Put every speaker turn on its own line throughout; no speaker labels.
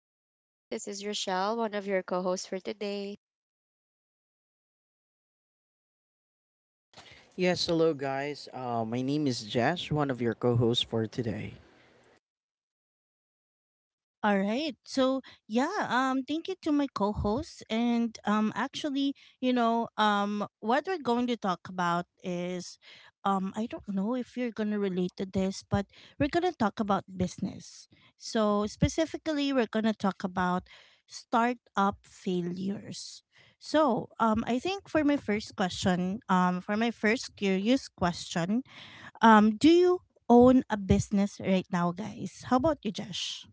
Hi guys, this is Rochelle, one of your co-hosts for today.
Yes, hello guys. My name is Jash, one of your co-hosts for today.
All right. So thank you to my co-hosts, and what we're going to talk about is, I don't know if you're gonna relate to this, but we're gonna talk about business. So specifically, we're gonna talk about startup failures. So I think for my first question, for my first curious question, do you own a business right now, guys? How about you, Josh?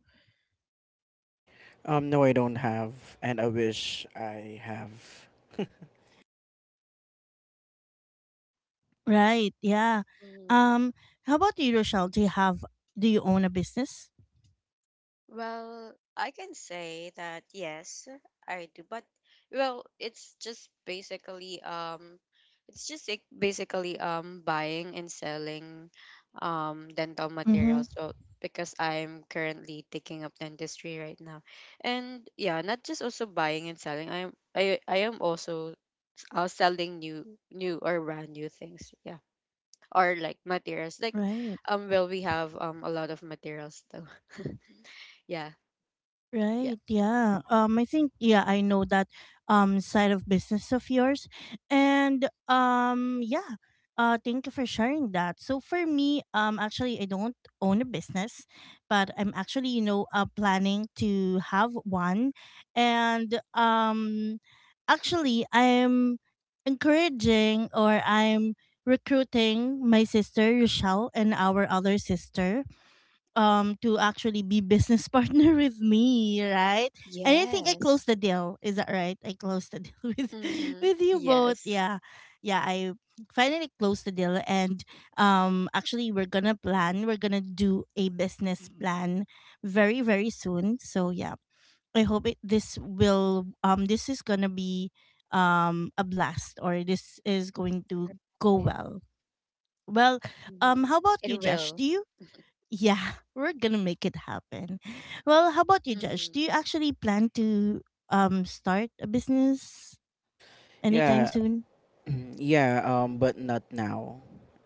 No, I don't have, and I wish I have.
Right. Yeah.
Hmm.
Um. How about you, Rochelle? Do you have? Do you own a business?
Well, I can say that yes, I do, but well, it's just like basically buying and selling dental
Mm-hmm.
materials. So because I'm currently taking up dentistry right now. And yeah, not just also buying and selling. I am also selling new or brand new things. Yeah. Or like materials like
Right.
well, we have a lot of materials though. yeah. Yeah.
Right. Yeah. I think. Yeah. I know that. Side of business of yours, and yeah. Thank you for sharing that. So for me, actually, I don't own a business, but I'm actually, planning to have one, and actually, I'm encouraging or I'm recruiting my sister Rochelle and our other sister to actually be business partner with me, right? And I think I
Yes.
closed the deal. Is that right? I closed the deal with
Mm-hmm.
you both.
Yes.
Yeah. Yeah, I finally closed the deal and actually, we're going to do a business plan very very soon. So yeah, I hope it, this will this is going to be a blast, or this is going to go well. Well,
Mm-hmm.
how about
It
you, Josh?
will.
Do you Yeah, we're gonna make it happen. Well, how about you, Josh? Do
Mm-hmm.
you actually plan to start a business anytime
Yeah,
soon?
yeah. But not now.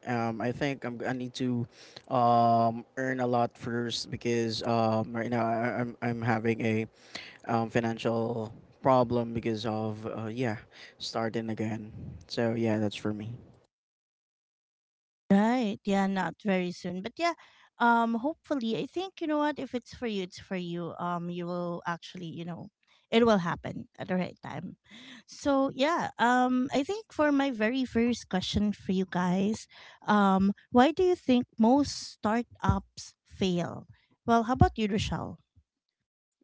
Um, I think I need to, earn a lot first because right now I'm having a financial problem because of yeah starting again. So yeah, that's for me.
Right. Yeah, not very soon. But yeah, hopefully, I think you know what, if it's for you, it's for you. You will actually, it will happen at the right time. So yeah, I think for my very first question for you guys, why do you think most startups fail? Well, how about you, Rochelle?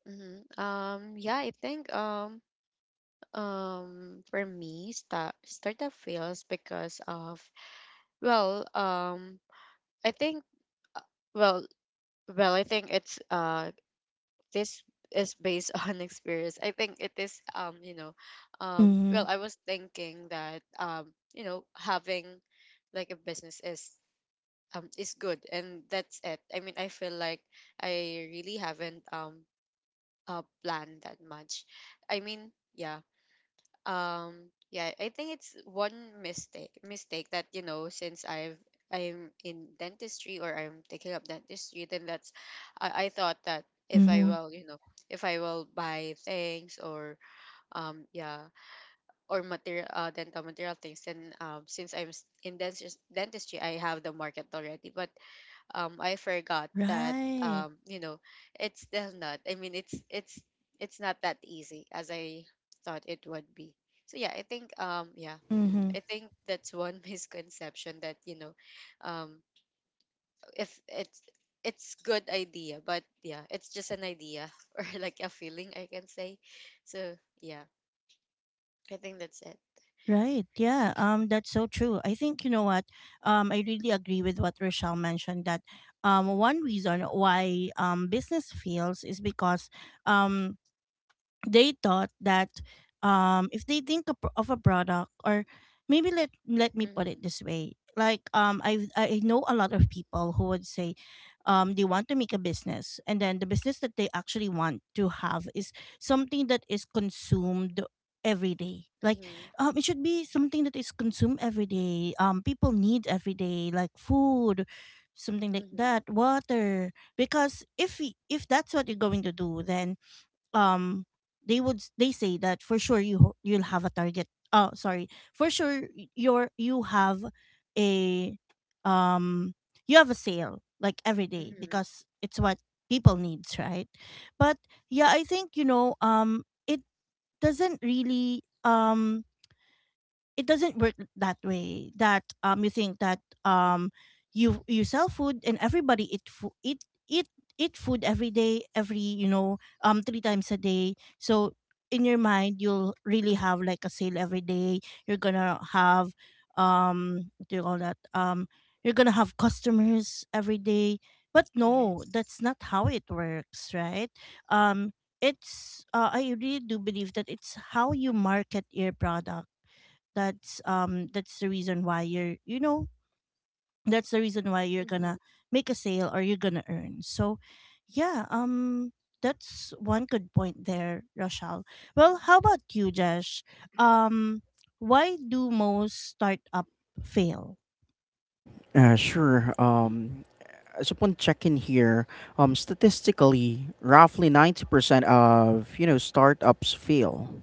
Mm-hmm. Yeah, I think, for me, startup fails because of, well, I think, uh, well, I think it's, this is based on experience. I think it is, you know, well, I was thinking that, you know, having like a business is good, and that's it. I mean, I feel like I really haven't planned that much. I mean, yeah. um yeah, I think it's one mistake that, you know, since I'm in dentistry, or I'm taking up dentistry, then that's... I thought that if I
Mm-hmm.
will, you know, if I will buy things, or um yeah or material, dental material things, then since I'm s- in dentist, dentistry, I have the market already, but I forgot that,
Right.
you know, it's still not... I mean, it's not that easy as I thought it would be. So yeah, I think, yeah,
Mm-hmm.
I think that's one misconception that, you know, um if it's... it's good idea, but yeah, it's just an idea or like a feeling, I can say. So yeah, I think that's it.
Right. Yeah. That's so true. I think you know what. I really agree with what Rochelle mentioned that, one reason why business fails is because, um, they thought that if they think of a product, or maybe let me put it
Mhm.
this way. Like, I know a lot of people who would say they want to make a business, and then the business that they actually want to have is something that is consumed every day. Like,
Mhm.
it should be something that is consumed every day, people need every day, like food, something like
Mhm.
that, water. Because if that's what you're going to do, then um they say that for sure you'll have a target. Oh, sorry. For sure, you have a, um you have a sale, like, every day
Mhm.
because it's what people needs, right? But yeah, I think, it doesn't really, it doesn't work that way, that you think that you sell food, and everybody eat food eat eat eat food every day, every you know three times a day. So in your mind you'll really have like a sale every day, you're gonna have, what do you call that, you're gonna have customers every day. But no,
Yes.
that's not how it works, right? um it's I really do believe that it's how you market your product. That's the reason why you're, that's the reason why you're gonna
Mhm.
make a sale or you're gonna earn. So yeah, that's one good point there, Rochelle. Well, how about you, Josh? um why do most startup fail?
Sure. As upon checking here, statistically, roughly 90% of, you know, startups fail.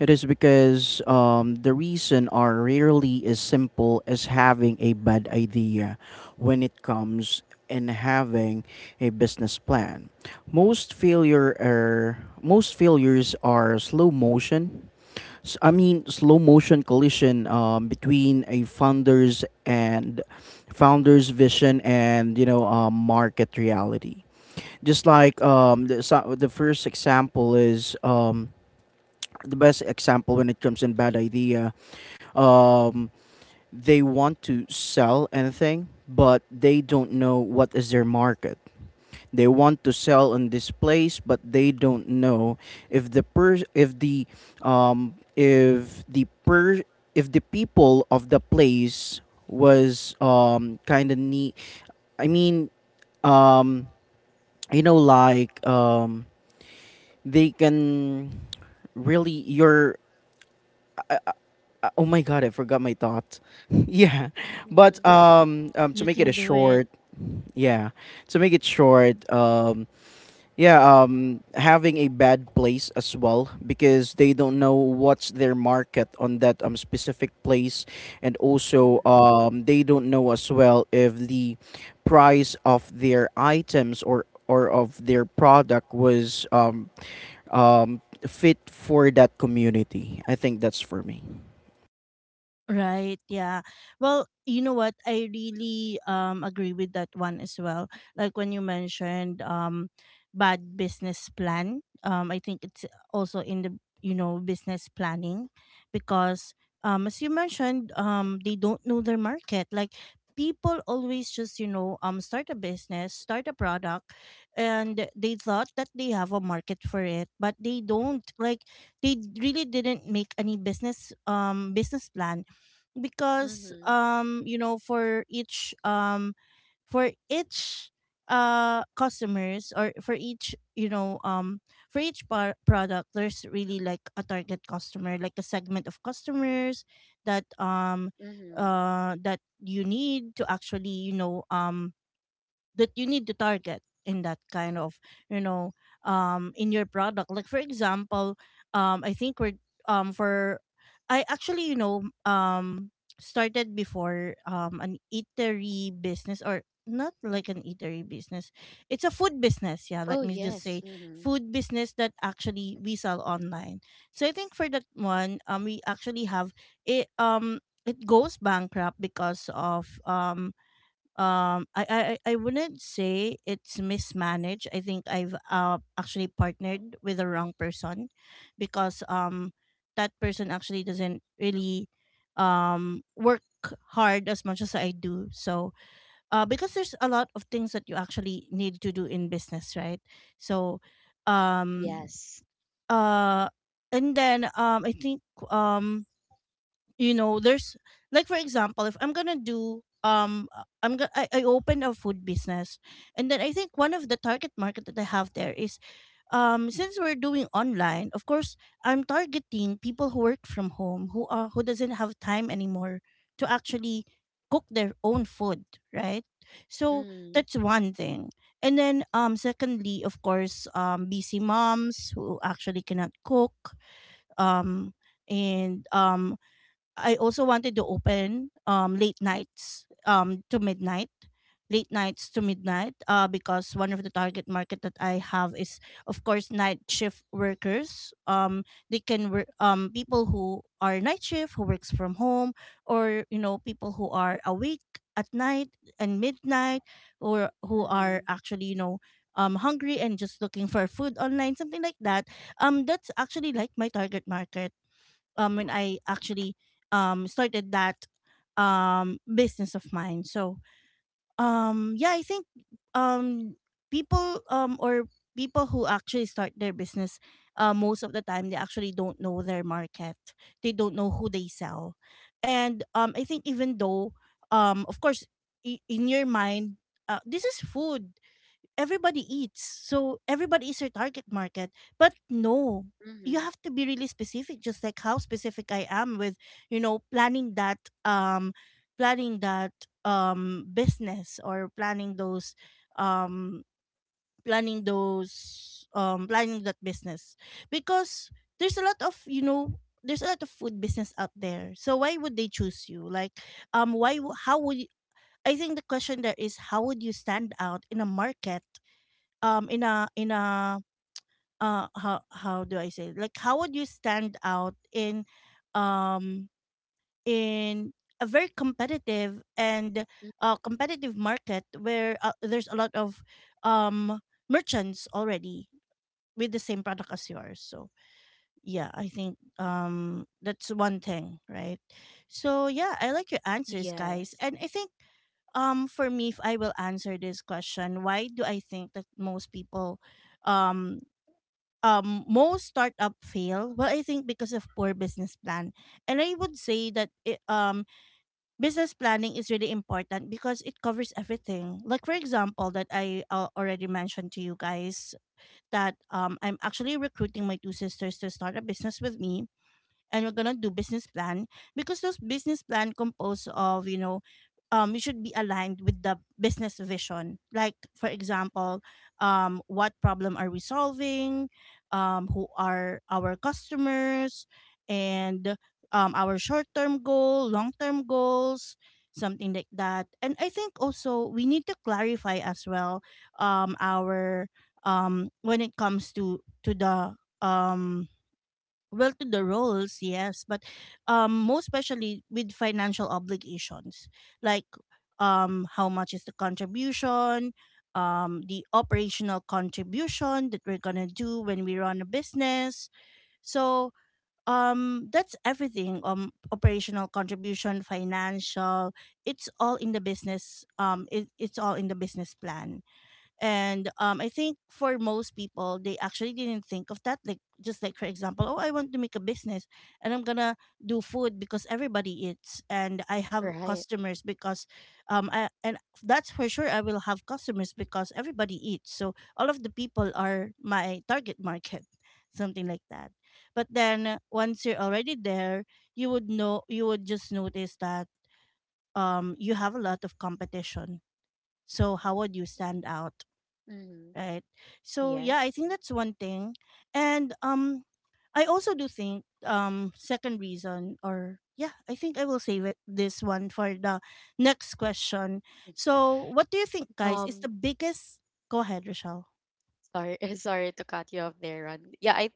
It is because the reason are rarely as simple as having a bad idea when it comes in having a business plan. Most failures are slow motion S- I mean, slow motion collision between a founder's vision and you know market reality. Just like the first example is the best example when it comes in bad idea. Um, they want to sell anything, but they don't know what is their market. They want to sell on this place, but they don't know if the per if the per if the people of the place was kind of neat. I mean, um you know they can really your oh my god, I forgot my thoughts. yeah but
Mhm.
to
You
make it a
can do it.
short Yeah, to make it short: Yeah, having a bad place as well because they don't know what's their market on that specific place, and also
Mhm.
they don't know as well if the price of their items or of their product was fit for that community. I think that's for me.
Right, yeah. Well, you know what? I really agree with that one as well. Like, when you mentioned bad business plan, I think it's also in the, business planning. Because as you mentioned, they don't know their market. Like, people always just start a business, start a product, and they thought that they have a market for it, but they don't. Like, they really didn't make any business plan. Because,
Mhm.
for each, customers, or for each product, there's really like a target customer, like a segment of customers that,
Mhm.
that you need to actually, that you need to target in that kind of, you know in your product. Like for example, I think we're for I actually, started before an eatery business, or not like an eatery business, it's a food business. Yeah, let
Oh
me just
yes.
say
Mm-hmm.
food business, that actually we sell online. So I think for that one, we actually have it it goes bankrupt because of, I wouldn't say it's mismanaged. I think I've, actually partnered with the wrong person, because that person actually doesn't really work hard as much as I do. So, because there's a lot of things that you actually need to do in business, right? So um
Yes.
uh and then, I think, there's, like, for example, if I'm gonna do I'm gonna I opened a food business, and then I think one of the target market that I have there is, since we're doing online, of course, I'm targeting people who work from home, who doesn't have time anymore to actually cook their own food, right? So
Mm-hmm.
that's one thing. And then, secondly, of course, busy moms who actually cannot cook. um and I also wanted to open late nights to midnight late nights to midnight, because one of the target market that I have is, of course, night shift workers. They can work people who are night shift, who works from home, or, you know, people who are awake at night and midnight, or who are
Mm-hmm.
actually, hungry and just looking for food online, something like that. That's actually like my target market when I actually started that business of mine. So, yeah, I think, um people um or people who actually start their business, most of the time they actually don't know their market, they don't know who they sell. And I think, even though, of course, in your mind, this is food, everybody eats. So everybody is your target market. But no, you
Mm-hmm.
have to be really specific, just like how specific I am with, planning that, planning that business, or um planning that business. Because there's a lot of, there's a lot of food business out there. So why would they choose you? Like, how would you, I think the question there is, how would you stand out in a market, in a how do I say it? Like, how would you stand out in, um in a very competitive and competitive market where, there's a lot of um merchants already with the same product as yours. So yeah, I think, that's one thing, right? So yeah, I like your answers, guys.
Yes.
And I think, for me, if I will answer this question, why do I think that um most startup fail? Well, I think because of poor business plan. And I would say that business planning is really important because it covers everything. Like for example, that I, already mentioned to you guys, that I'm actually recruiting my two sisters to start a business with me, and we're gonna do business plan. Because those business plan compose of, you should be aligned with the business vision. Like, for example, what problem are we solving, who are our customers, and our short term goal, long term goals, something like that. And I think also we need to clarify as well, our, when it comes to the, um well, to the roles, yes. But most especially with financial obligations. Like, how much is the contribution, the operational contribution that we're gonna do when we run a business. So that's everything, operational contribution, financial, it's all in the business, it's all in the business plan. And, I think for most people, they actually didn't think of that. Like just like for example, oh, I want to make a business, and I'm gonna do food because everybody eats, and I have
Right.
customers because, I, and that's for sure I will have customers because everybody eats. So all of the people are my target market, something like that. But then once you're already there, you would know you would just notice that you have a lot of competition. So how would you stand out,
Mm-hmm.
right? So yeah, I
Yes.
think that's one thing. And I also do think, second reason, or yeah, I think I will save it this one for the next question. So what do you think guys
Um,
is the biggest— go ahead, Rochelle?
Sorry, sorry to cut you off there, Ron. Yeah, I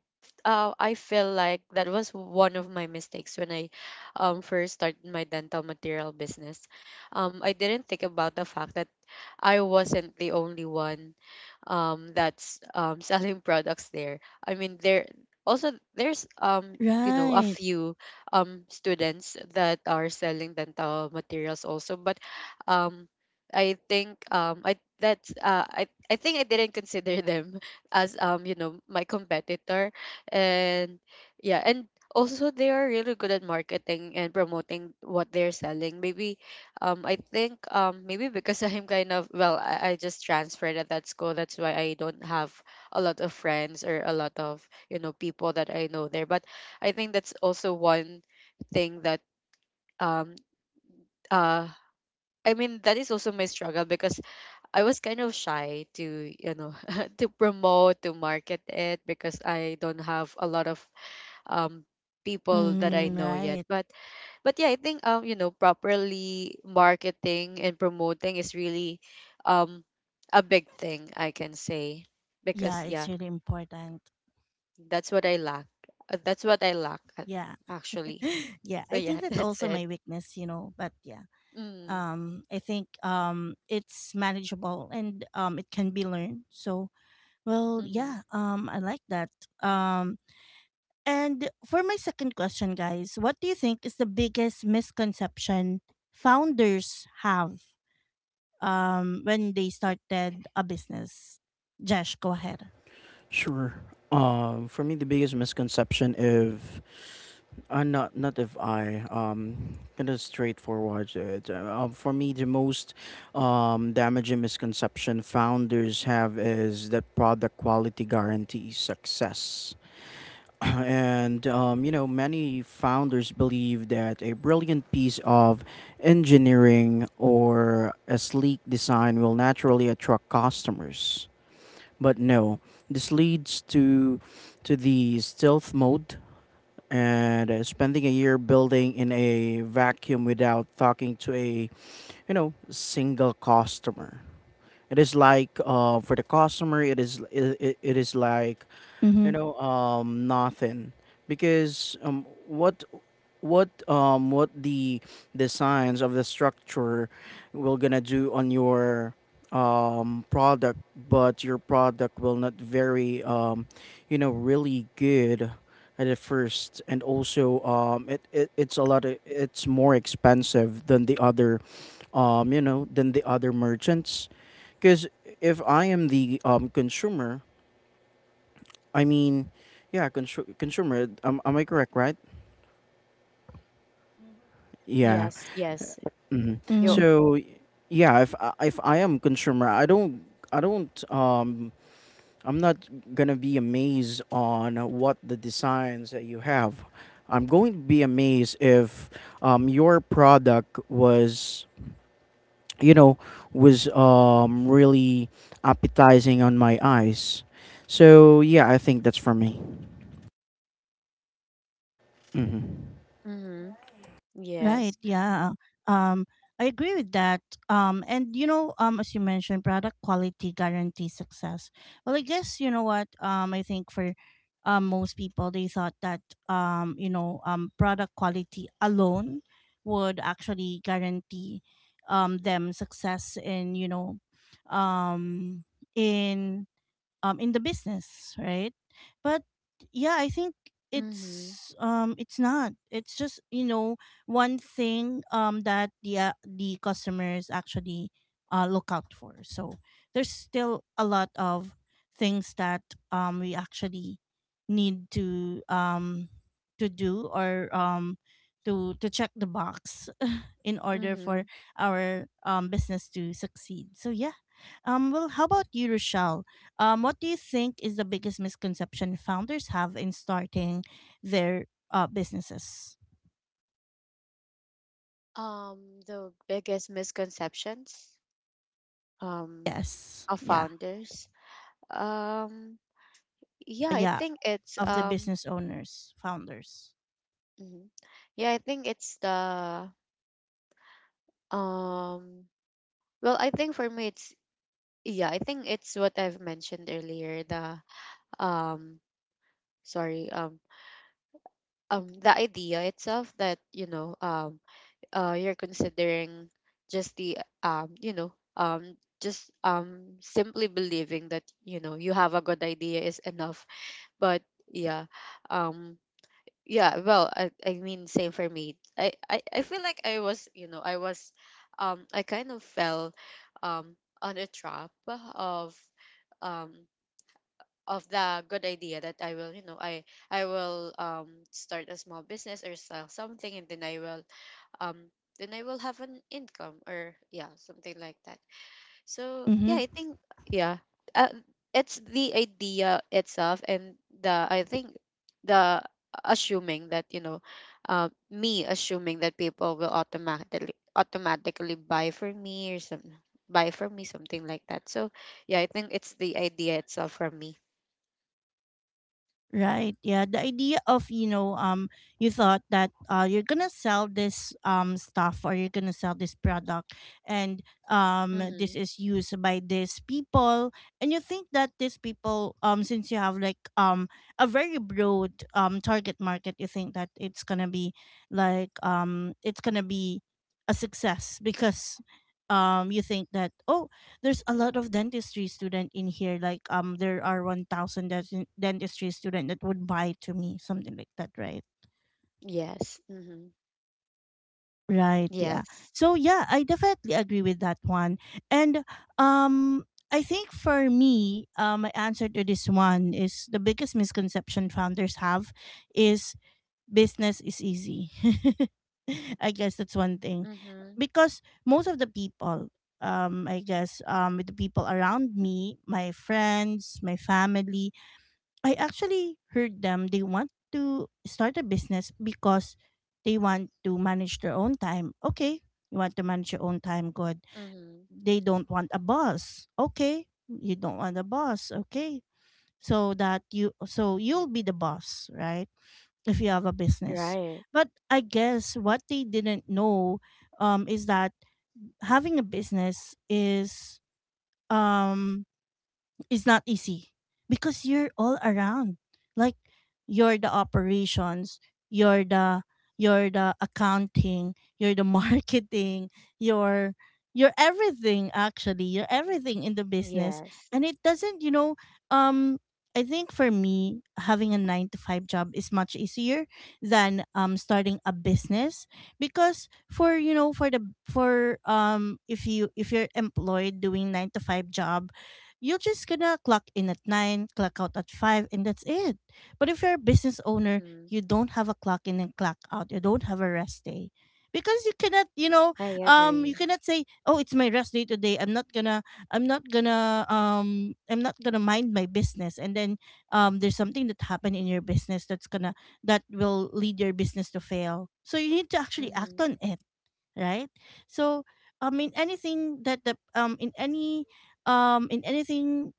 uh, I feel like that was one of my mistakes when I first started my dental material business. I didn't think about the fact that I wasn't the only one that's selling products there. I mean, there... also there's you know, a
Right.
few students that are selling dental materials also, but um I think, I think I didn't consider them as, you know, my competitor. And yeah, and also, they are really good at marketing and promoting what they're selling, maybe. I think, maybe because I'm kind of... well, I just transferred at that school, that's why I don't have a lot of friends, or a lot of, people that I know there. But I think that's also one thing that, um uh I mean, that is also my struggle, because I was kind of shy to, to promote, to market it, because I don't have a lot of um people that I
Mm,
know yet.
right.
But yeah, I think, properly marketing and promoting is really um a big thing, I can say, because
Yeah, it's
yeah,
really important.
that's what I lack. That's what I lack
Yeah.
actually.
Yeah,
So
I think
yeah,
that's
that's
also
it.
my weakness, you know, but yeah.
Mm,
I think it's manageable and it can be learned. So— well,
mm-hmm.
yeah, I like that. Um, and for my second question, guys, what do you think is the biggest misconception founders have, when they started a business? Josh, go ahead.
Sure. For me, the biggest misconception of. Not not if I kind of straightforward. It. For me, the most damaging misconception founders have is that product quality guarantees success, and you know many founders believe that a brilliant piece of engineering or a sleek design will naturally attract customers. But no, this leads to the stealth mode and spending a year building in a vacuum without talking to a you know single customer. It is like for the customer it is like you
Mm-hmm.
know nothing because what the signs of the structure will gonna do on your product, but your product will not very you know really good at the first, and also it, it it's a lot of, it's more expensive than the other you know than the other merchants because if I am the consumer. I mean, am I correct, right? Yeah.
Yes, yes.
hmm
You.
Mm-hmm.
So, yeah, if I am consumer, I don't, um, I'm not gonna be amazed on what the designs that you have. I'm going to be amazed if, your product was, you know, was really appetizing on my eyes. So yeah, I think that's for me. hmm
Mm-hmm.
Right. Yeah.
Yes.
Um, I agree with that. And you know, as you mentioned, product quality guarantees success. Well, I guess you know what. I think for, most people, they thought that, you know, product quality alone would actually guarantee, them success in, you know, um, in, in the business, right? But yeah, I think
Mm-hmm.
it's, it's not, it's just, you know, one thing, that the customers actually look out for. So there's still a lot of things that we actually need to, to do, or to check the box in order
Mm-hmm.
for our, business to succeed. So yeah. Well, how about you, Rochelle? What do you think is the biggest misconception founders have in starting their, businesses?
The biggest misconceptions um
Yes.
of
Yeah.
founders. Um, yeah, I
Yeah.
think it's,
Of the business owners, founders.
mhm. Yeah, I think it's the um. Well, I think for me, it's... yeah, I think it's what I've mentioned earlier. The, um, sorry, the idea itself, that, you know, you're considering just the, you know, just, simply believing that, you know, you have a good idea is enough. But yeah, um, yeah. Well, I mean, same for me. I feel like I was, you know, I was, I kind of fell, um, on a trap of, um, of the good idea that I will, you know, I will, start a small business or sell something, and then I will, um then I will have an income, or yeah, something like that. So yeah,
Mm-hmm.
I think yeah. Uh, it's the idea itself, and the I think the assuming that, you know, me assuming that people will automatically buy for me, or some buy for me, something like that. So yeah, I think it's the idea itself for me.
Right. Yeah. The idea of, you know, you thought that, you're gonna sell this stuff, or you're gonna sell this product, and
Mm-hmm.
this is used by these people, and you think that these people, since you have like a very broad target market, you think that it's gonna be like, it's gonna be a success because you think that, oh, there's a lot of dentistry student in here, like, there are 1000 dentistry student that would buy to me something like that, right?
Yes. Mm-hmm.
Right, yeah.
Yes.
So yeah, I definitely agree with that one. And um I think for me, my answer to this one is the biggest misconception founders have is business is easy. I guess that's one thing.
Mm-hmm.
Because most of the people, I guess, with the people around me, my friends, my family, I actually heard them. They want to start a business because they want to manage their own time. Okay, you want to manage your own time, good.
Mm-hmm.
They don't want a boss. Okay, you don't want a boss. Okay, so that you, so you'll be the boss, right, if you have a business?
Right.
But I guess what they didn't know, is that having a business is, um, it's not easy because you're all around, like, you're the operations, you're the you're the accounting, you're the marketing, you're you're everything, actually, you're everything in the business.
Yes.
And it doesn't, you know, um I think for me, having a 9 to 5 job is much easier than starting a business, because for, you know, for the, for, if you, if you're employed doing 9 to 5 job, you're just gonna clock in at 9, clock out at 5, and that's it. But if you're a business owner,
Mm-hmm.
you don't have a clock in and clock out. You don't have a rest day. Because you cannot, you know,
I
you
agree.
cannot say, "Oh, it's my rest day today. I'm not gonna, I'm not gonna, I'm not gonna mind my business." And then, there's something that happened in your business that's gonna— that will lead your business to fail. So you need to actually act
Mhm.
on it, right? So, in anything that the, in any, in anything,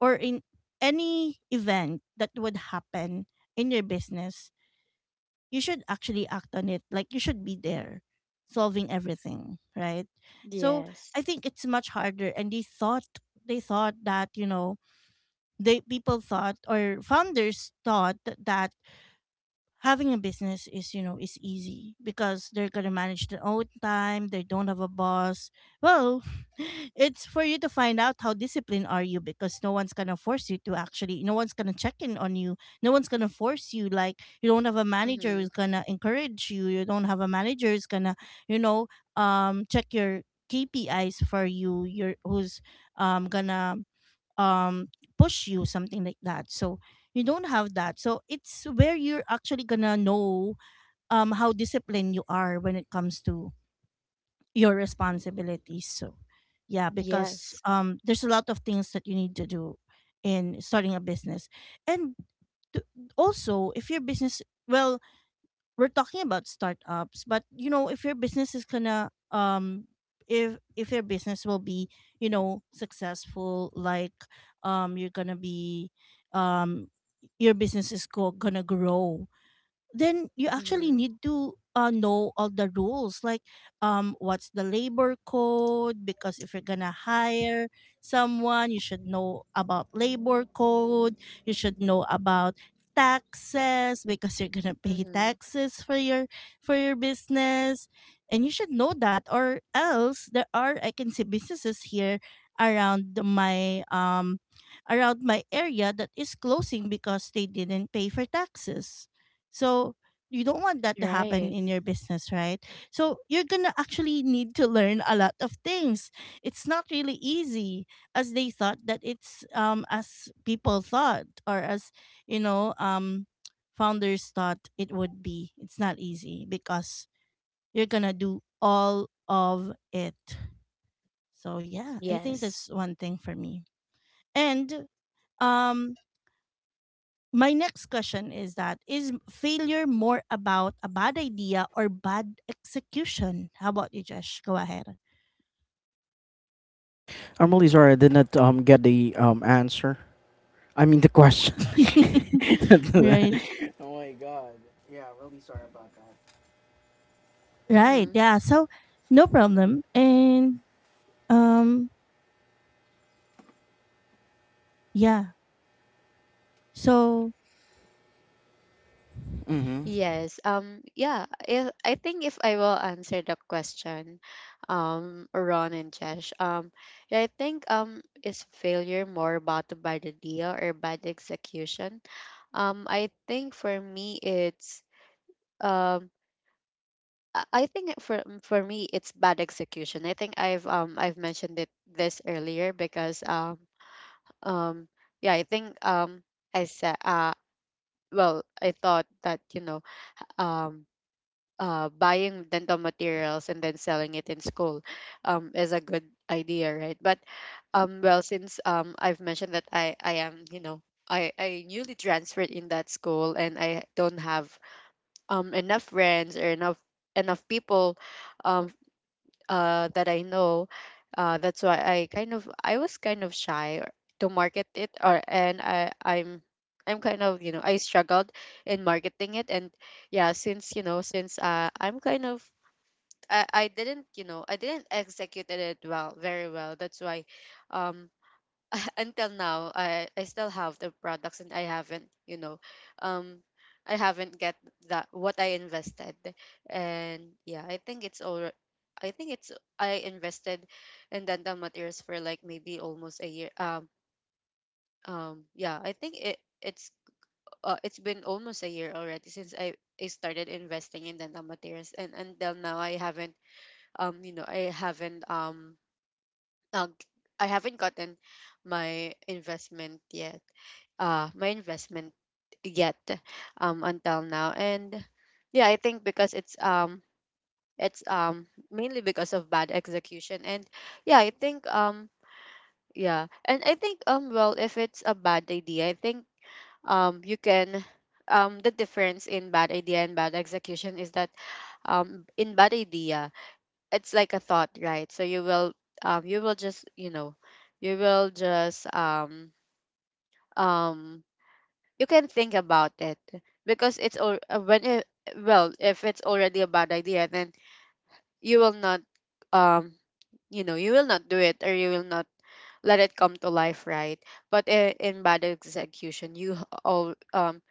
or in any event that would happen in your business, you should actually act on it. Like, you should be there solving everything, right? So
Yes.
I think it's much harder, and they thought— they thought that, you know, they— people thought, or founders thought that having a business is, you know, is easy because they're gonna manage their own time, they don't have a boss. Well, it's for you to find out how disciplined are you, because no one's gonna force you to actually— no one's gonna check in on you, no one's gonna force you, like, you don't have a manager who's
Mhm.
gonna encourage you, you don't have a manager who's gonna, you know, check your KPIs for you, your who's gonna, um, push you, something like that. So you don't have that, so it's where you're actually gonna know how disciplined you are when it comes to your responsibilities. So yeah, because
Yes.
there's a lot of things that you need to do in starting a business. And t- also, if your business— well, we're talking about startups, but you know, if your business is gonna, if your business will be, you know, successful, like, you're gonna be, um your business is gonna grow, then you actually
Mhm.
need to, know all the rules, like, what's the labor code, because if you're gonna hire someone, you should know about labor code. You should know about taxes, because you're gonna pay
Mhm.
taxes for your, for your business, and you should know that, or else— there are, I can see businesses here around my, around my area that is closing because they didn't pay for taxes. So you don't want that to happen
Right.
in your business, right? So you're gonna actually need to learn a lot of things. It's not really easy as they thought that it's, as people thought, or as, you know, founders thought it would be. It's not easy because you're gonna do all of it. So yeah, I think
Yes.
that's one thing for me. And um my next question is that, is failure more about a bad idea or bad execution? How about you, Josh? Go ahead.
I'm really sorry I did not get the answer. I mean the question.
Right.
Oh my god. Yeah, really sorry about that.
Right.
Mhm.
Yeah. So no problem. And um yeah. So
Mm-hmm.
Yes. Yeah, if, I think if I will answer the question, Ron and Chesh. Yeah, I think, is failure more about the bad idea or bad execution? I think for me it's, um I think for me it's bad execution. I think I've mentioned it this earlier, because, um yeah, I think, I said, well, I thought that, you know, um buying dental materials and then selling it in school is a good idea, right? But well, since I've mentioned that I am, you know, I newly transferred in that school, and I don't have enough friends, or enough people, um that I know. That's why I was kind of to market it, or and I'm kind of, you know, I struggled in marketing it. And yeah, since, you know, since I'm kind of... I didn't, you know, I didn't execute it well, very well. That's why, um until now I still have the products, and I haven't, you know, um I haven't get that what I invested. And yeah, I think it's all... I think it's... I invested in dental materials for like maybe almost a year. Yeah, I think it's, it's been almost a year already since I started investing in dental materials, and until now I haven't, you know, I haven't, now, I haven't gotten my investment yet. My investment yet, until now. And yeah, I think because it's, mainly because of bad execution. And yeah, I think, yeah. And I think, well, if it's a bad idea, I think, you can... the difference in bad idea and bad execution is that, in bad idea, it's like a thought, right? So you will, you will just, you know, you will just, um you can think about it, because it's all when it... well, if it's already a bad idea, then you will not, um you know, you will not do it, or you will not let it come to life, right? But in bad execution, you... all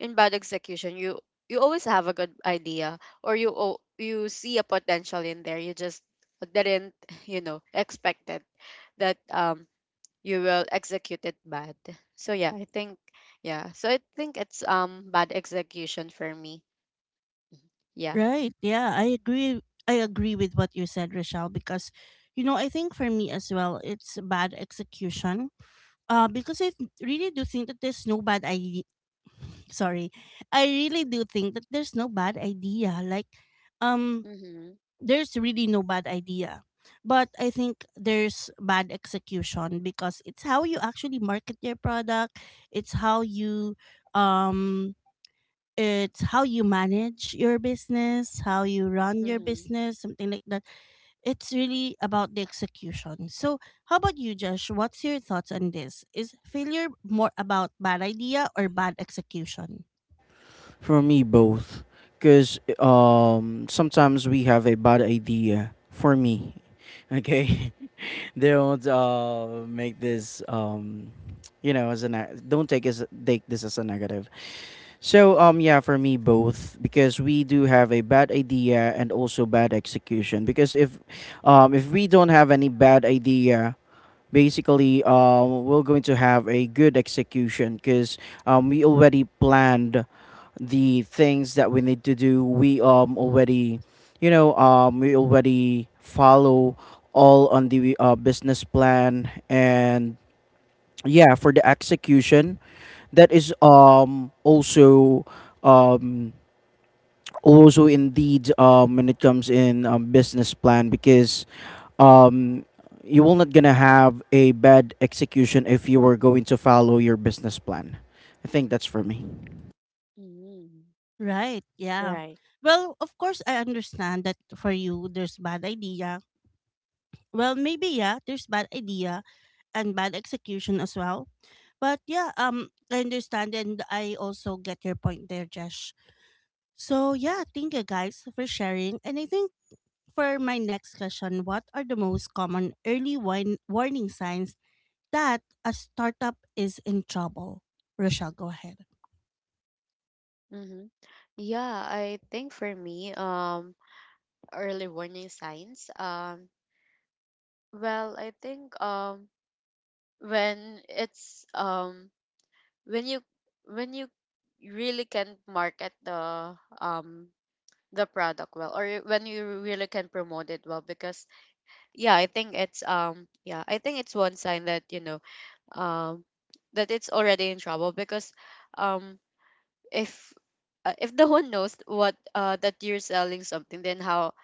in bad execution, you always have a good idea, or you... you see a potential in there, you just didn't you know expect it, that, you will execute it bad. So yeah, I think yeah. So I think it's bad execution for me. Yeah.
right. Yeah, I agree, with what you said, Rochelle, because, you know, I think for me as well, it's bad execution. Because I really do think that there's no bad idea— sorry, I really do think that there's no bad idea, like, um
Mhm.
there's really no bad idea, but I think there's bad execution because it's how you actually market your product, it's how you, um it's how you manage your business, how you run your
Mhm.
business, something like that. It's really about the execution. So, how about you, Josh? What's your thoughts on this? Is failure more about bad idea or bad execution?
For me, both. Because sometimes we have a bad idea. For me, okay? They don't make this, you know, as a don't take, as, take this as a negative. So yeah, for me both, because we do have a bad idea and also bad execution, because if we don't have any bad idea, basically we're going to have a good execution because we already planned the things that we need to do. We um already you know we already follow all on the business plan. And yeah, for the execution, that is also um also indeed when it comes in business plan, because um you will not gonna have a bad execution if you are going to follow your business plan. I think that's for me.
Mhm.
Right, yeah.
Right.
Well, of course, I understand that for you, there's bad idea. Well, maybe, yeah, there's bad idea and bad execution as well. But yeah, I understand and I also get your point there, Jesh. So yeah, thank you guys for sharing. And I think for my next question, what are the most common early wine warning signs that a startup is in trouble? Rochelle, go ahead.
Mhm. Yeah, I think for me, early warning signs, well, I think, when it's when you when you really can market the, um the product well, when you really can promote it well, because yeah, I think it's, yeah, I think it's one sign that, you know, um that it's already in trouble. Because, um if if the one knows what, that you're selling something, then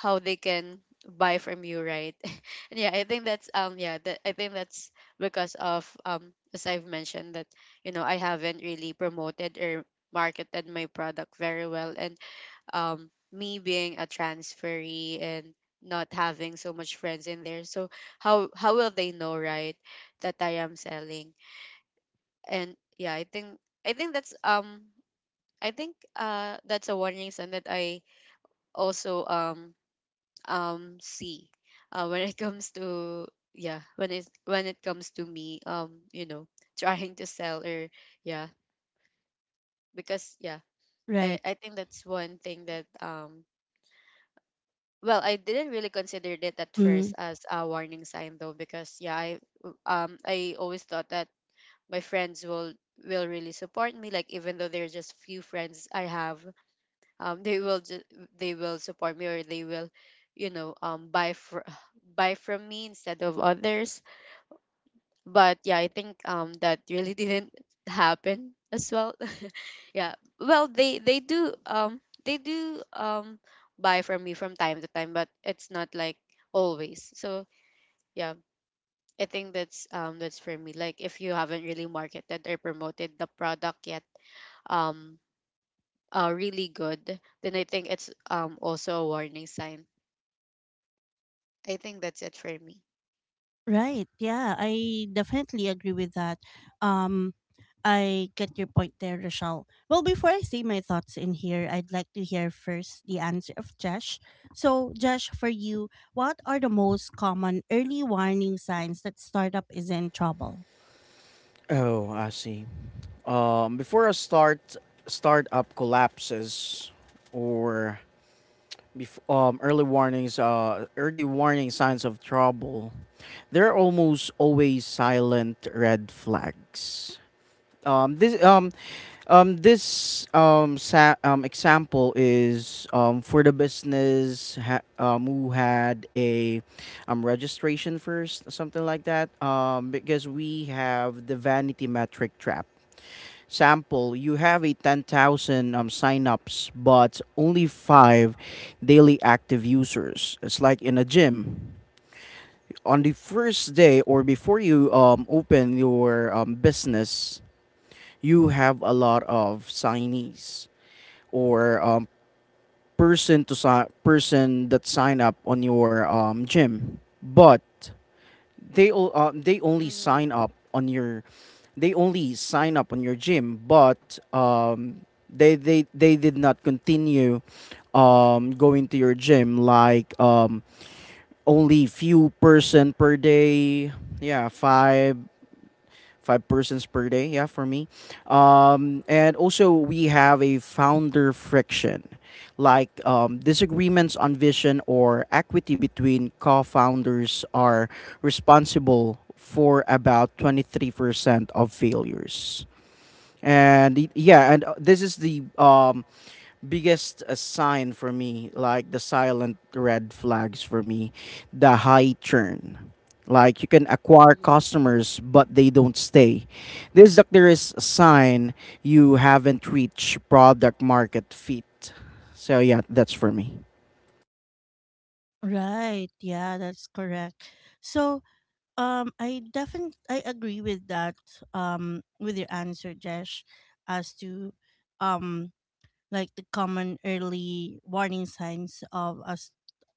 how they can buy from you, right? And yeah, I think that's, yeah, that I think that's because of, as I've mentioned, that, you know, I haven't really promoted or marketed my product very well. And, me being a transferee and not having so much friends in there, so how will they know, right, that I am selling? And yeah, I think that's, I think, that's a warning sign that I also, see, when it comes to, yeah, when it comes to me, you know, trying to sell, or yeah, because yeah.
Right.
I think that's one thing that, well, I didn't really consider it at
Mm-hmm.
first as a warning sign though, because yeah, I always thought that my friends will really support me. Like, even though they're just few friends I have, they will just... they will support me, or they will, buy for buy from me instead of others. But yeah, I think that really didn't happen as well. Yeah. Well, they do, they do, buy from me from time to time, but it's not like always. So yeah, I think that's, that's for me, like if you haven't really marketed or promoted the product yet um really good, then I think it's also a warning sign. I think that's it for me.
Right. Yeah, I definitely agree with that. Um, I get your point there, Rochelle. Well, before I say my thoughts in here, I'd like to hear first the answer of Josh. So, Josh, for you, what are the most common early warning signs that startup is in trouble?
Oh, I see. Before a startup collapses, or early warning signs of trouble, there are almost always silent red flags. Um, this um, Example is for the business who had a registration first, something like that. Because we have the vanity metric trap. Sample: you have a 10,000 signups, but only five daily active users. It's like in a gym on the first day, or before you open your business, you have a lot of signees, or person to person that sign up on your gym, but they o- they only
Mm-hmm.
sign up on your they only sign up on your gym, but they did not continue going to your gym, like only few person per day, yeah, five persons per day. Yeah, for me. And also we have a founder friction, like disagreements on vision or equity between co-founders are responsible for about 23% of failures. Yeah, and this is the biggest sign for me, like the silent red flags for me: the high churn, like you can acquire
Mm-hmm.
customers but they don't stay. This doctor is a sign you haven't reached product market fit. So yeah, that's for me.
Right. Yeah, that's correct. So, I definitely I agree with that. With your answer, Josh, as to um like the common early warning signs of us,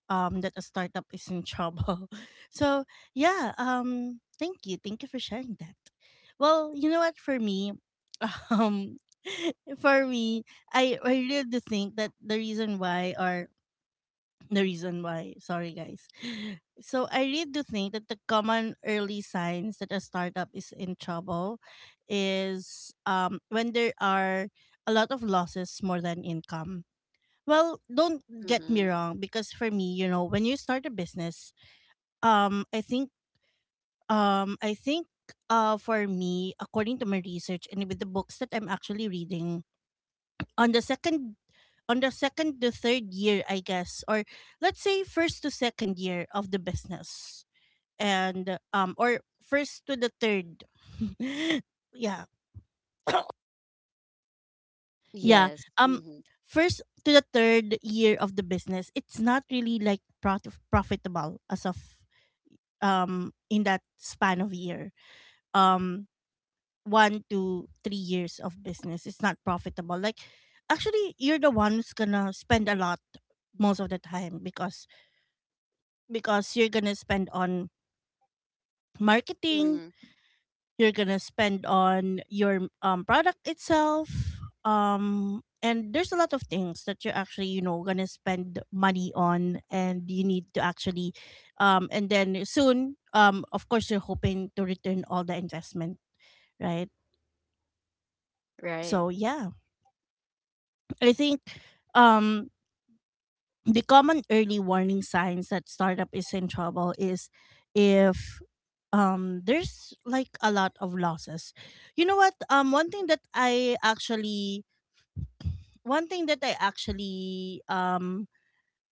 that a startup is in trouble. So yeah, um, thank you. Thank you for sharing that. Well, you know what, for me, um, for me, I really do think that the reason why, or the reason why— sorry, guys. So I really do think that the common early signs that a startup is in trouble is, when there are a lot of losses more than income. Well, don't get me
Mm-hmm.
wrong, because for me, you know, when you start a business, I think, um, I think, for me, according to my research and with the books that I'm actually reading, on the second on the second to third year, I guess, or let's say first to second year of the business, and or first to the third, yeah, yeah,
Yes.
um,
Mm-hmm.
first to the third year of the business, it's not really like profitable as of in that span of year, um 1 to 3 years of business, it's not profitable. Like, actually you're the one who's gonna spend a lot most of the time because you're gonna spend on marketing,
Mm-hmm.
you're gonna spend on your product itself. And there's a lot of things that you're actually, you know, gonna spend money on, and you need to actually and then soon, of course, you're hoping to return all the investment, right?
Right.
So yeah, I think um the common early warning signs that startup is in trouble is if there's like a lot of losses. You know what, one thing that I actually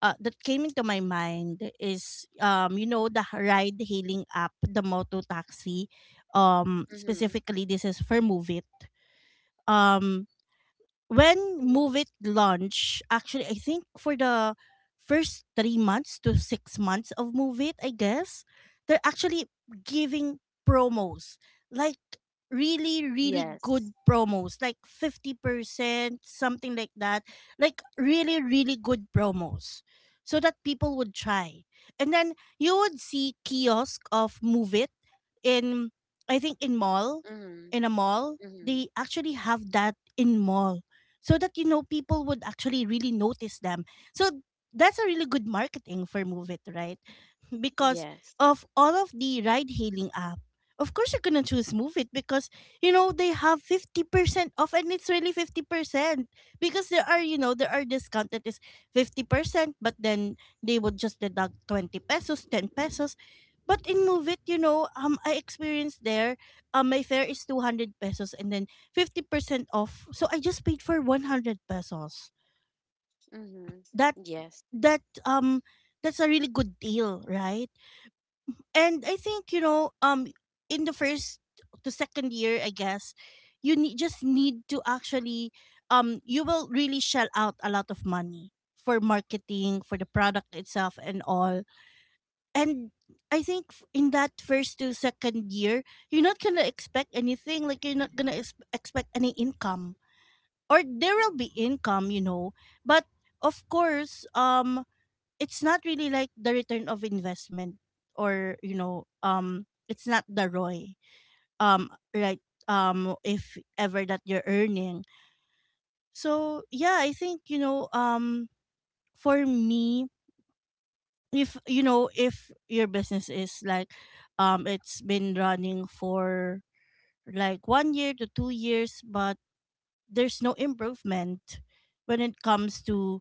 that came into my mind is, you know, the ride hailing app, the moto taxi,
Mm-hmm.
specifically this is for Move. um when Move It launched, actually, I think for the first 3 months to 6 months of Move It, I guess, they're actually giving promos. Like, really, really
Yes.
good promos. Like, 50%, something like that. Like, really, really good promos, so that people would try. And then you would see kiosk of Move It in, I think, in mall,
Mm-hmm.
in a mall.
Mm-hmm.
They actually have that in mall so that, you know, people would actually really notice them. So that's a really good marketing for Move It, right? Because
Yes.
of all of the ride hailing app, of course you're gonna choose Move It because, you know, they have 50% off, and it's really 50%, because there are, you know, there are discount that is 50%, but then they would just deduct 20 pesos, 10 pesos. But in Move It, you know, I experienced there, my fare is 200 pesos, and then 50% off, so I just paid for 100 pesos.
Mm-hmm.
That,
Yes.
that, that's a really good deal, right? And I think, you know, in the first to second year, I guess, you need just need to actually, you will really shell out a lot of money for marketing, for the product itself, and all. And I think, in that first to second year, you're not gonna expect anything. Like, you're not gonna expect any income, or there will be income, you know, but of course, it's not really like the return of investment, or, you know, it's not the ROI, right, if ever that you're earning. So yeah, I think, you know, for me, if, you know, if your business is like, it's been running for like 1 year to 2 years, but there's no improvement when it comes to,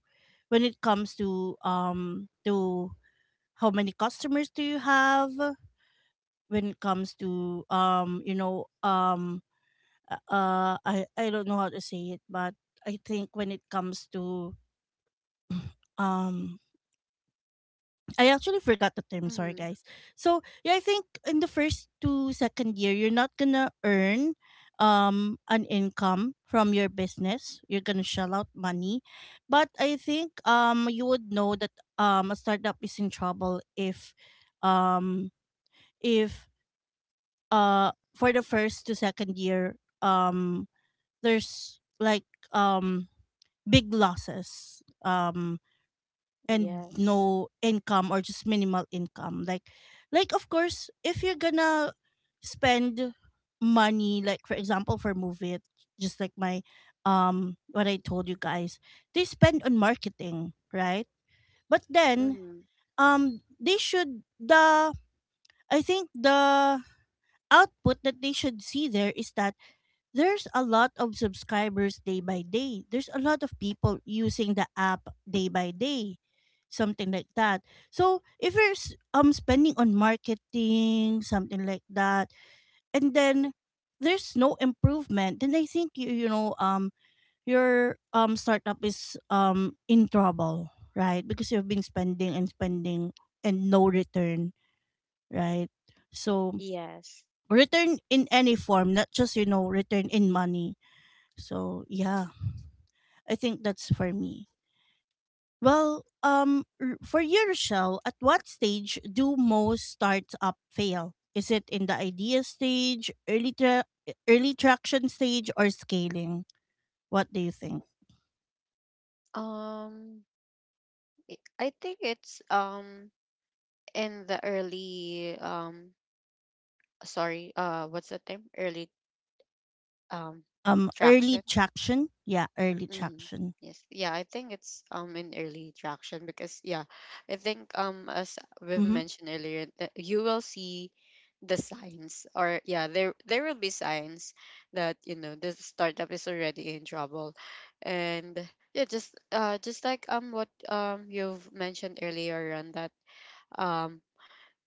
to how many customers do you have, when it comes to, I don't know how to say it, but I think when it comes to um I actually forgot the term, sorry
Mm-hmm.
guys. So yeah, I think in the first to second year, you're not gonna earn an income from your business, you're gonna shell out money. But I think you would know that a startup is in trouble if um if for the first to second year um there's like um big losses, and
Yes.
no income or just minimal income. Like of course, if you're gonna spend money, like for example for movie, just like my, what I told you guys, they spend on marketing, right? But then
Mm-hmm.
they should, the, I think the output that they should see there is that there's a lot of subscribers day by day. There's a lot of people using the app day by day, something like that. So if you're spending on marketing, something like that, and then there's no improvement, then I think you, you know, your startup is in trouble, right? Because you've been spending and spending and no return, right? So
Yes.
return in any form, not just, you know, return in money. So yeah, I think that's for me. Well, for you, Rochelle, at what stage do most startup fail? Is it in the idea stage, early traction stage, or scaling? What do you think?
Um, I I think it's in the early sorry what's the term early um
Early
traction.
traction. Yeah, early
Mm-hmm.
traction.
Yes. Yeah, I think it's in early traction because yeah, I think as we've
Mm-hmm.
mentioned earlier that you will see the signs or yeah, there will be signs that you know the startup is already in trouble. And yeah, just like what you've mentioned earlier on that um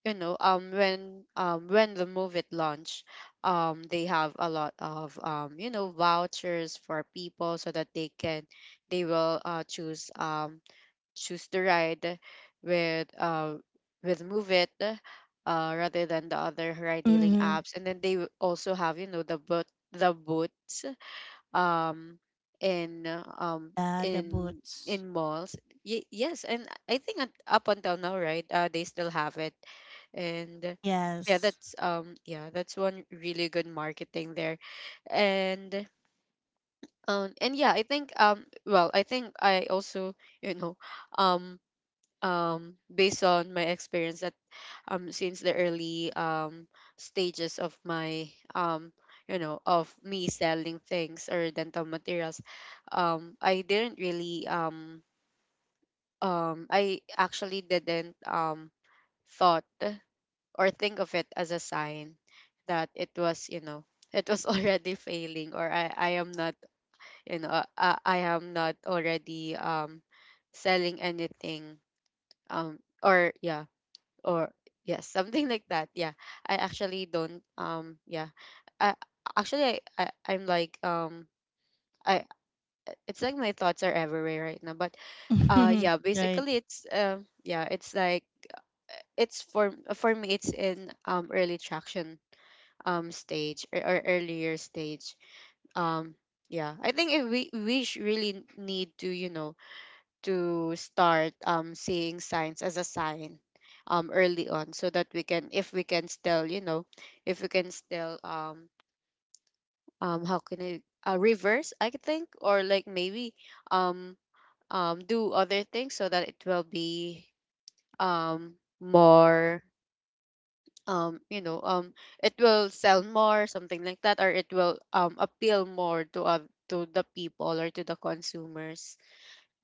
you know when the movie launch, they have a lot of you know vouchers for people so that they will choose choose the ride with uh with Move It, rather than the other ride hailing
Mm-hmm.
apps. And then they will also have, you know, the boot, the boots, um in uh, um
Yeah, the
in
boots.
in malls. Yes, and I think up until now, right? They still have it, and yeah,
Yes.
that's yeah, that's one really good marketing there. And and yeah, I think well, I think I also, you know, um based on my experience, since the early stages of my, um you know, of me selling things or dental materials, I didn't really I actually didn't thought or think of it as a sign that it was, you know, it was already failing. Or I am not, you know, I am not already selling anything, or yeah, or yes, something like that. Yeah, I actually don't yeah, i I'm like I, it's like my thoughts are everywhere right now. But yeah,
Right.
basically it's yeah, it's like it's for me, it's in early traction stage, or earlier stage. um yeah, I think if we really need to, you know, to start seeing signs as a sign, early on so that we can, if we can still, you know, if we can still how can I reverse, I could think, or like maybe um do other things so that it will be more you know it will sell more, something like that, or it will appeal more to the people or to the consumers.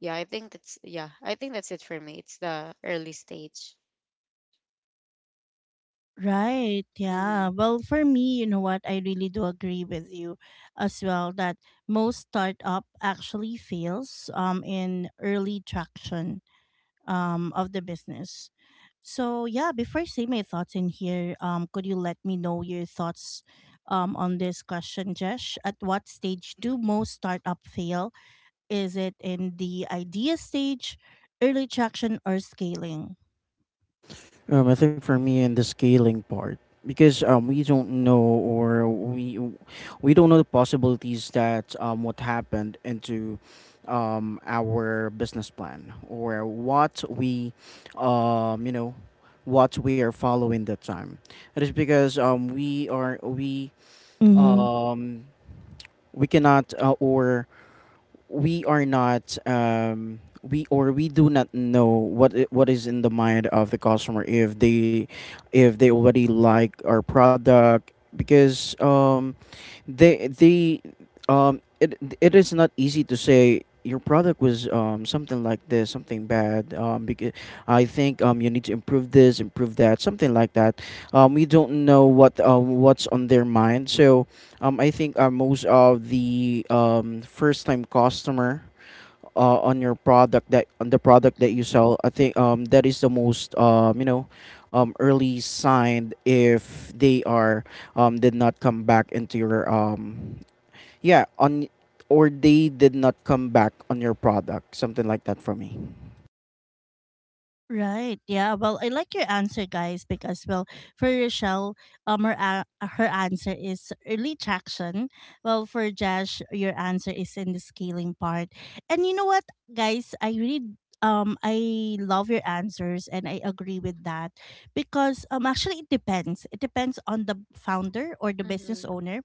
Yeah, I think that's, yeah, I think that's it for me. It's the early stage.
Right.
Mm-hmm.
Yeah. Well, for me, you know what? I really do agree with you as well that most startup actually fails in early traction of the business. So yeah, before I say my thoughts in here, could you let me know your thoughts on this question, Jesh? At what stage do most startup fail, is it in the idea stage, early traction, or scaling?
I think for me in the scaling part, because we don't know the possibilities that what happened into our business plan or what we you know what we are following that time. It is because
Mm-hmm.
um, we cannot or we are not we do not know what is in the mind of the customer, if they already like our product, because they it it is not easy to say your product was something like this, something bad, because I think you need to improve this, improve that, something like that. We don't know what what's on their mind. So I think most of the first time customer on the product that you
Mm-hmm.
sell, I think that is the most you know early sign, if they are did not come back into your yeah on or they did not come back on your product, something like that, for me.
Right. Yeah. Well, I like your answer, guys, because, well, for Rochelle, her answer is early traction. Well, for Josh, your answer is in the scaling part. And you know what, guys, I really I love your answers, and I agree with that because actually it depends. It depends on the founder or the business
Mm-hmm.
owner,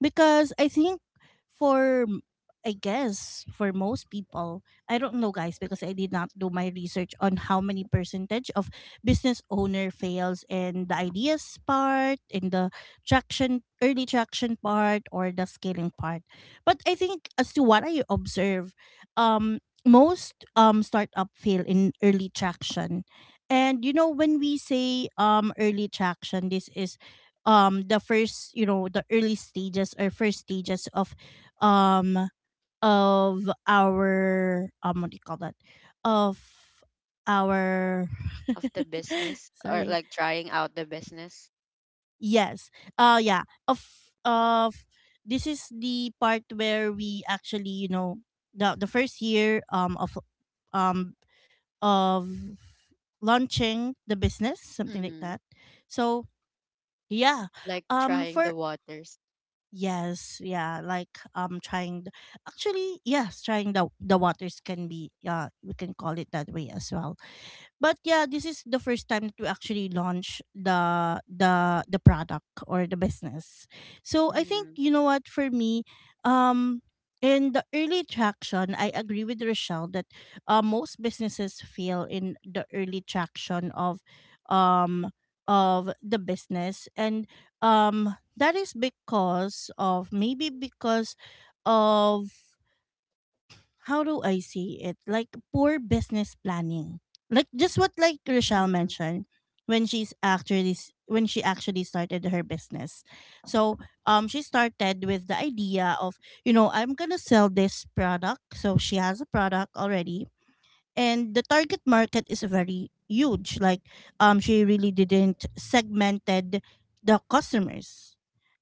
because I think for m- I guess for most people, I don't know guys, because I did not do my research on how many percentage of business owner fails in the ideas part, in the traction early traction part, or the scaling part. But I think as to what I observe, most startup fail in early traction. And you know when we say early traction, this is the first, you know, the early stages or first stages of um our what do you call that, of our
Of the business, or
sorry,
like trying out the business.
yes, yeah, of this is the part where we actually, you know, the first year um of launching the business, something like
Mm-hmm.
that. So yeah,
Like trying
for
the waters.
Yes, yeah, like trying the, actually yes, trying the waters can be, yeah, we can call it that way as well. But yeah, this is the first time that we actually launch the product or the business. So I think,
Mm-hmm.
you know what, for me, um, in the early traction, I agree with Rochelle that, most businesses fail in the early traction um of the business, and that is because of, maybe because of, how do I see it? Like poor business planning. Like just what like Rochelle
Mm-hmm.
mentioned when when she actually started her business. So she started with the idea of, you know, I'm gonna sell this product. So she has a product already, and the target market is very huge, like she really didn't segmented the customers,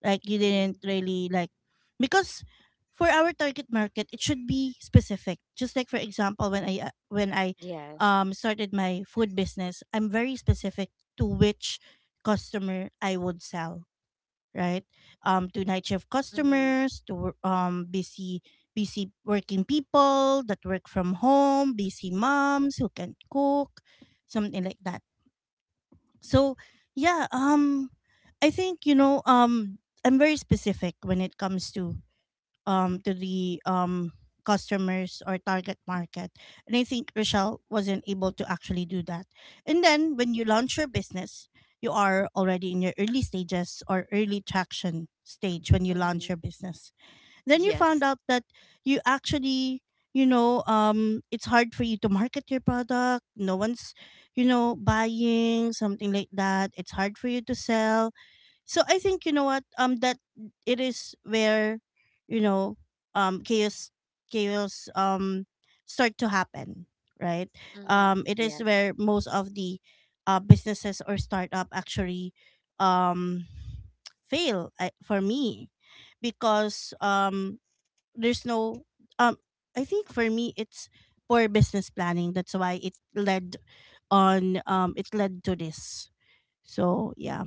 like you
Mm-hmm.
didn't really like, because for our target market it should be specific. Just like for example, when I when I
Yes.
started my food business, I'm very specific to which customer I would sell, right? To night shift
Mm-hmm.
customers, to busy busy working people that work from home, busy moms who can cook, something like that. So yeah, I think, you know, I'm very specific when it comes to the customers or target market. And I think Rochelle wasn't able to actually do that. And then when you launch your business, you are already in your early stages or early traction stage when you
Mm-hmm.
launch your business. Then you
Yes.
found out that you actually, you know, it's hard for you to market your product, no one's, you know, buying, something like that, it's hard for you to sell. So I think, you know what, that it is where, you know, um chaos chaos start to happen, right?
Mm-hmm.
Um, it is
Yes.
where most of the businesses or startup actually um fail, I, for me, because there's no um I think for me it's poor business planning, that's why it led on, it led to this. So yeah,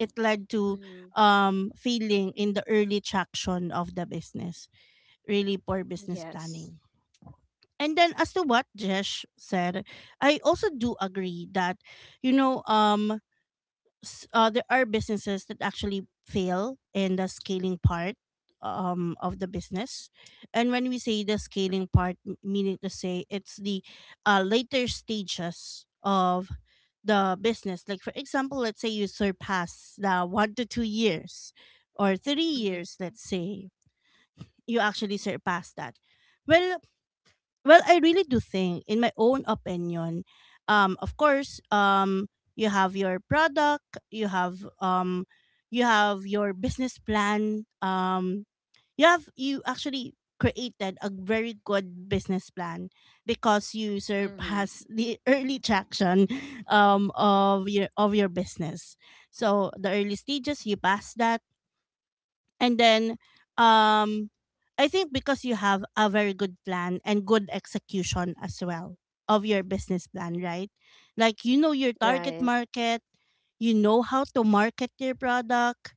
it led to
Mm-hmm.
failing in the early traction of the business, really poor business
Yes.
planning. And then, as to what Jesh said, I also do agree that, you know, there are businesses that actually fail in the scaling part, of the business. And when we say the scaling part, meaning to say it's the later stages of the business. Like, for example, let's say you surpass the 1 to 2 years or three
Mm-hmm.
years, let's say, you actually surpass that. Well, well, I really do think, in my own opinion, of course, you have your product, you have your business plan. You have you actually created a very good business plan because you
Mm-hmm.
surpass the early traction, of your business. So the early stages, you pass that, and then um I think because you have a very good plan and good execution as well of your business plan, right? Like, you know your target
Right.
market, you know how to market your product,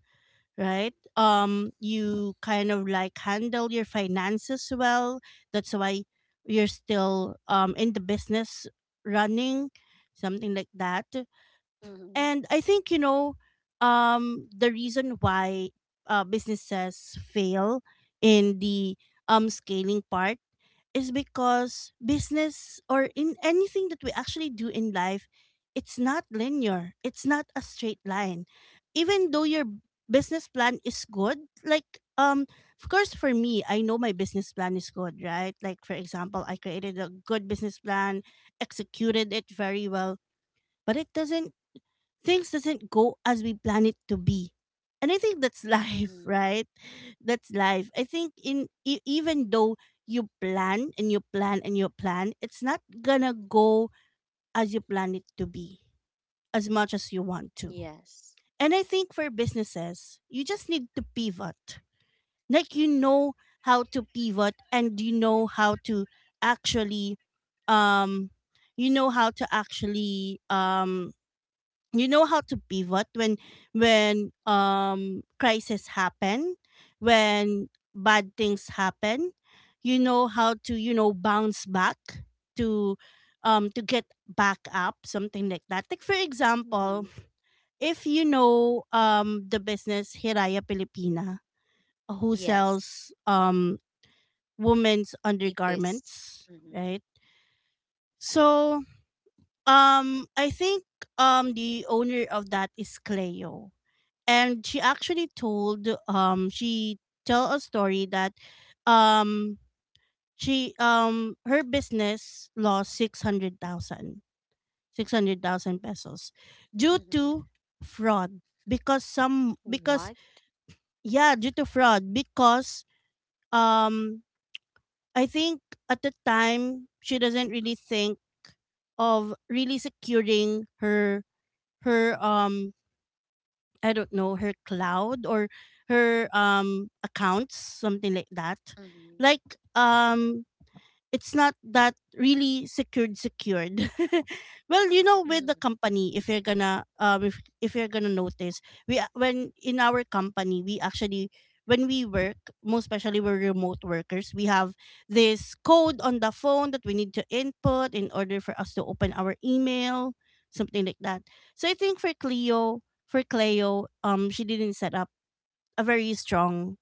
right? You kind of like handle your finances well. That's why you're still in the business running something like that.
Mm-hmm.
And I think, you know, the reason why businesses fail in the scaling part is because business or in anything that we actually do in life, it's not linear, it's not a straight line. Even though your business plan is good, like, um, of course, for me, I know my business plan is good, right? Like, for example, I created a good business plan, executed it very well, but it doesn't, things doesn't go as we plan it to be. And I think that's life,
Mm-hmm.
right? That's life. I think in even though you plan and you plan and you plan, it's not gonna go as you plan it to be, as much as you want to.
Yes.
And I think for businesses, you just need to pivot, like you know how to pivot, and you know how to actually, um you know how to actually, you know how to pivot when, when crisis happen, when bad things happen, you know how to, you know, bounce back to, to get back up, something like that. Like, for example,
Mm-hmm.
if you know the business Hiraya Filipina, who
Yes.
sells women's
Deepest.
undergarments,
Mm-hmm.
right? So I think the owner of that is Cleo, and she actually told, she tell a story that um she, her business lost six hundred thousand, 600,000 pesos due
Mm-hmm.
to fraud because some, because,
What?
yeah, due to fraud because, um I think at the time she doesn't really think of really securing her, her, I don't know, her cloud or her accounts, something like that.
Mm-hmm.
Like, it's not that really secured. well, you know, with
Mm,
the company, if you're gonna, if you're gonna notice, we when in our company we actually, when we work, most especially we're remote workers, we have this code on the phone that we need to input in order for us to open our email, something like that. So I think for Cleo, for Cleo, she didn't set up a very strong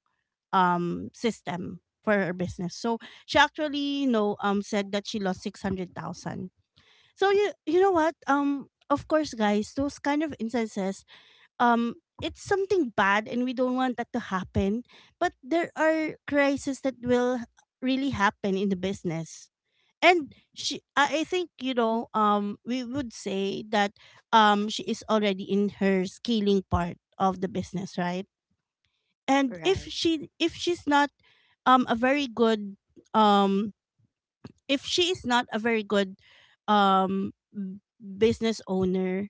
system for her business. So she actually, you know, said that she lost 600,000. So you know what? Of course, guys, those kind of instances, um it's something bad and we don't want that to happen, but there are crises that will really happen in the business. And she I think, you know, we would say that she is already in her scaling part of the business, right? And if
right.
she, if she's not a very good, um if she is not a very good business owner,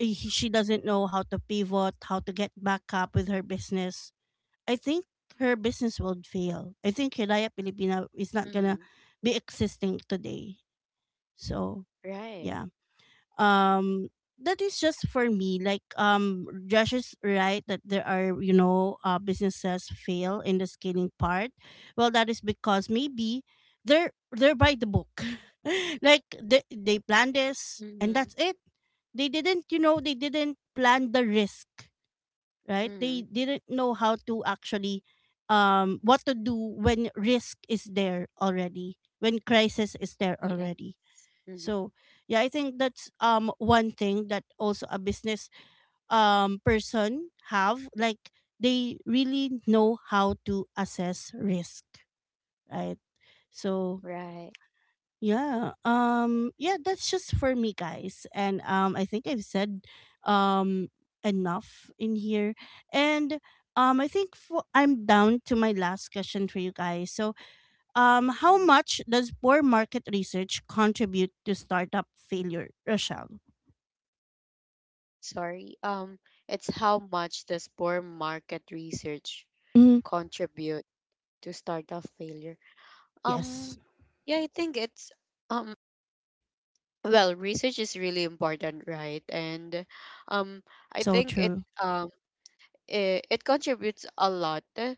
she doesn't know how to pivot, how to get back up with her business, I think her business will fail. I think Hiraya Filipina is not gonna
Mm,
be existing today. So
right.
yeah, um that is just for me. Like, Josh is right, that there are, you know, businesses fail in the scaling part, well, that is because maybe they're by the book. like they plan this and
Mm-hmm.
that's it. They didn't, you know, they didn't plan the risk, right? They
Mm-hmm.
didn't know how to actually, what to do when risk is there already, when crisis is there
Yes.
already.
Mm-hmm.
So yeah, I think that's one thing that also a business person have, like they really know how to assess risk, right? So
Right.
yeah, that's just for me, guys. And I think I've said um enough in here. And I think for, I'm down to my last question for you guys. So how much does poor market research contribute to startup failure, Rochelle?
Sorry. It's how much does poor market research
Mhm.
contribute to startup failure? Um,
Yes.
yeah, I think it's um well, research is really important, right? And um, I
So
think it
true.
um it, it contributes a lot eh,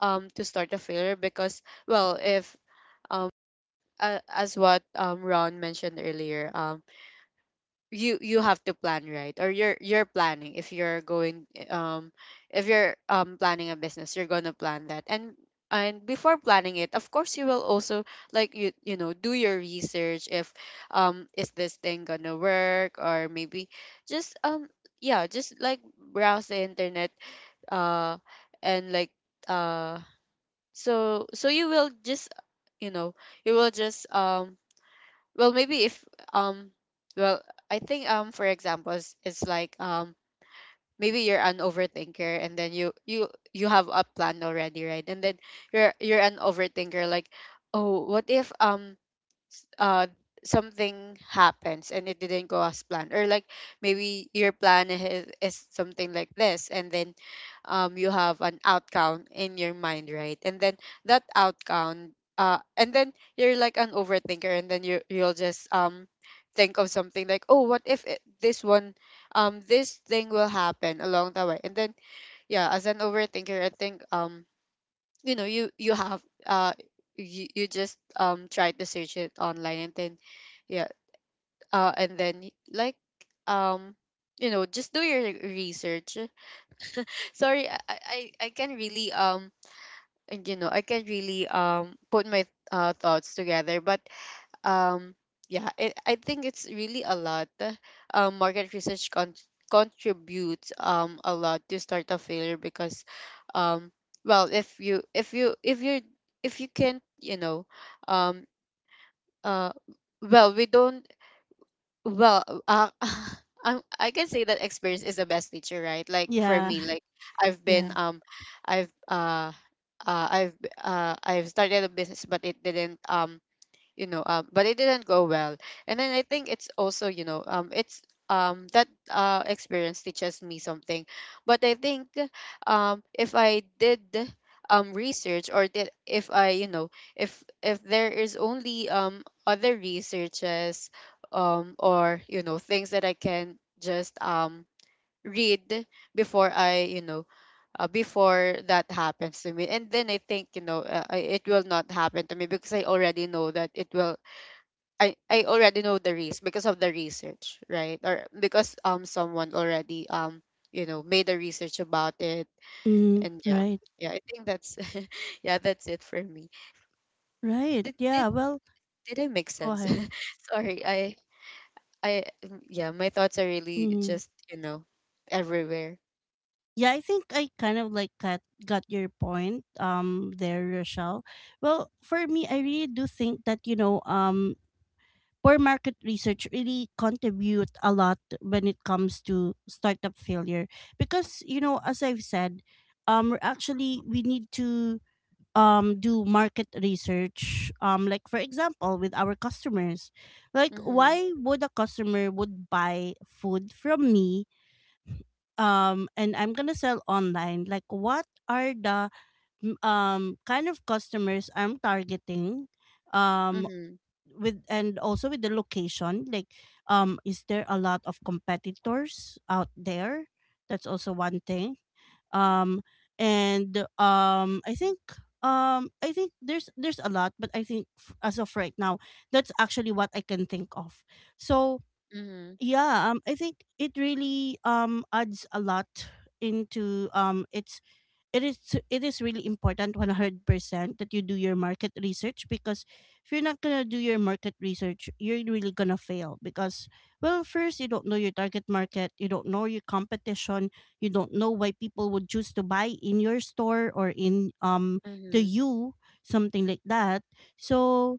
um to startup failure because well, if um, as what Ron mentioned earlier, you, you have to plan, right? Or you're planning. If you're going if you're planning a business, you're gonna plan that and. And before planning it, of course, you will also like you know, do your research if is this thing gonna work? Or maybe just yeah, just like browse the internet, uh and like, uh so, so you will just, you know, you will just well, maybe if um well, I think for examples it's like maybe you're an overthinker, and then you have a plan already, right? And then you're an overthinker, like, "Oh, what if uh something happens and it didn't go as planned, or like maybe your plan is something like this, and then you have an outcome in your mind, right? And then that outcome, and then you're like an overthinker, and then you, you'll just think of something like, oh, what if it, this one, this thing will happen along the way." And then yeah, as an overthinker, I think you know, you have, uh you, you just try to search it online, and then yeah, and then like um you know, just do your research. Sorry, I can really and, you know, I can not really put my thoughts together. But um yeah, it, I think it's really a lot. Market research contributes a lot to start a failure, because um well, if you, if you, if you're, if you can't, you know, um uh we don't, well I'm, I can say that experience is the best teacher, right? Like for
Yeah.
me, like I've been
Yeah.
I've uh, I've I've started a business, but it didn't you know but it didn't go well. And then I think it's also, you know, it's that experience teaches me something. But I think if I did research, or did, if I, you know, if there is only other researches or you know, things that I can just read before I, you know, before that happens to me. And then I think, you know, it will not happen to me, because I already know that it will, I already know the risk because of the research, right? Or because someone already, you know, made a research about it.
Mm,
And yeah,
right.
yeah, I think that's, yeah, that's it for me.
Right.
Did, did,
Yeah. Well,
did I make
go
sense?
ahead.
Sorry, yeah, my thoughts are really
Mm.
just, you know, everywhere.
Yeah, I think I kind of like got your point there, Rochelle. Well, for me, I really do think that, you know, poor market research really contribute a lot when it comes to startup failure because, you know, as I've said, we're actually, we need to do market research, like for example with our customers, like
Mm-hmm,
why would a customer would buy food from me, and I'm gonna sell online, like what are the, kind of customers I'm targeting um
mm-hmm,
with, and also with the location, like, is there a lot of competitors out there? That's also one thing. um and I think, I think there's a lot, but I think as of right now, that's actually what I can think of. So
mm-hmm.
yeah, I think it really adds a lot into its, it is, it is really important, 100%, that you do your market research, because if you're not going to do your market research, you're really going to fail, because, well, first, you don't know your target market, you don't know your competition, you don't know why people would choose to buy in your store or in, the
Mhm,
you, something like that. So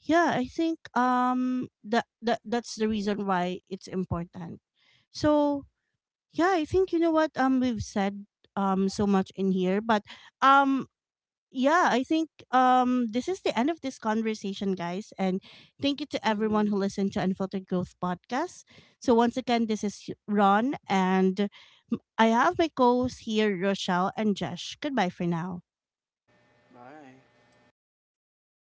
yeah, I think, um, that's the reason why it's important. So yeah, I think, you know what, we've said so much in here, but um yeah, I think this is the end of this conversation, guys, and thank you to everyone
mhm.
who listened to Unfiltered Growth podcast. So once again, this is Ron, and I have my co-hosts here, Rochelle and Josh. Goodbye for now.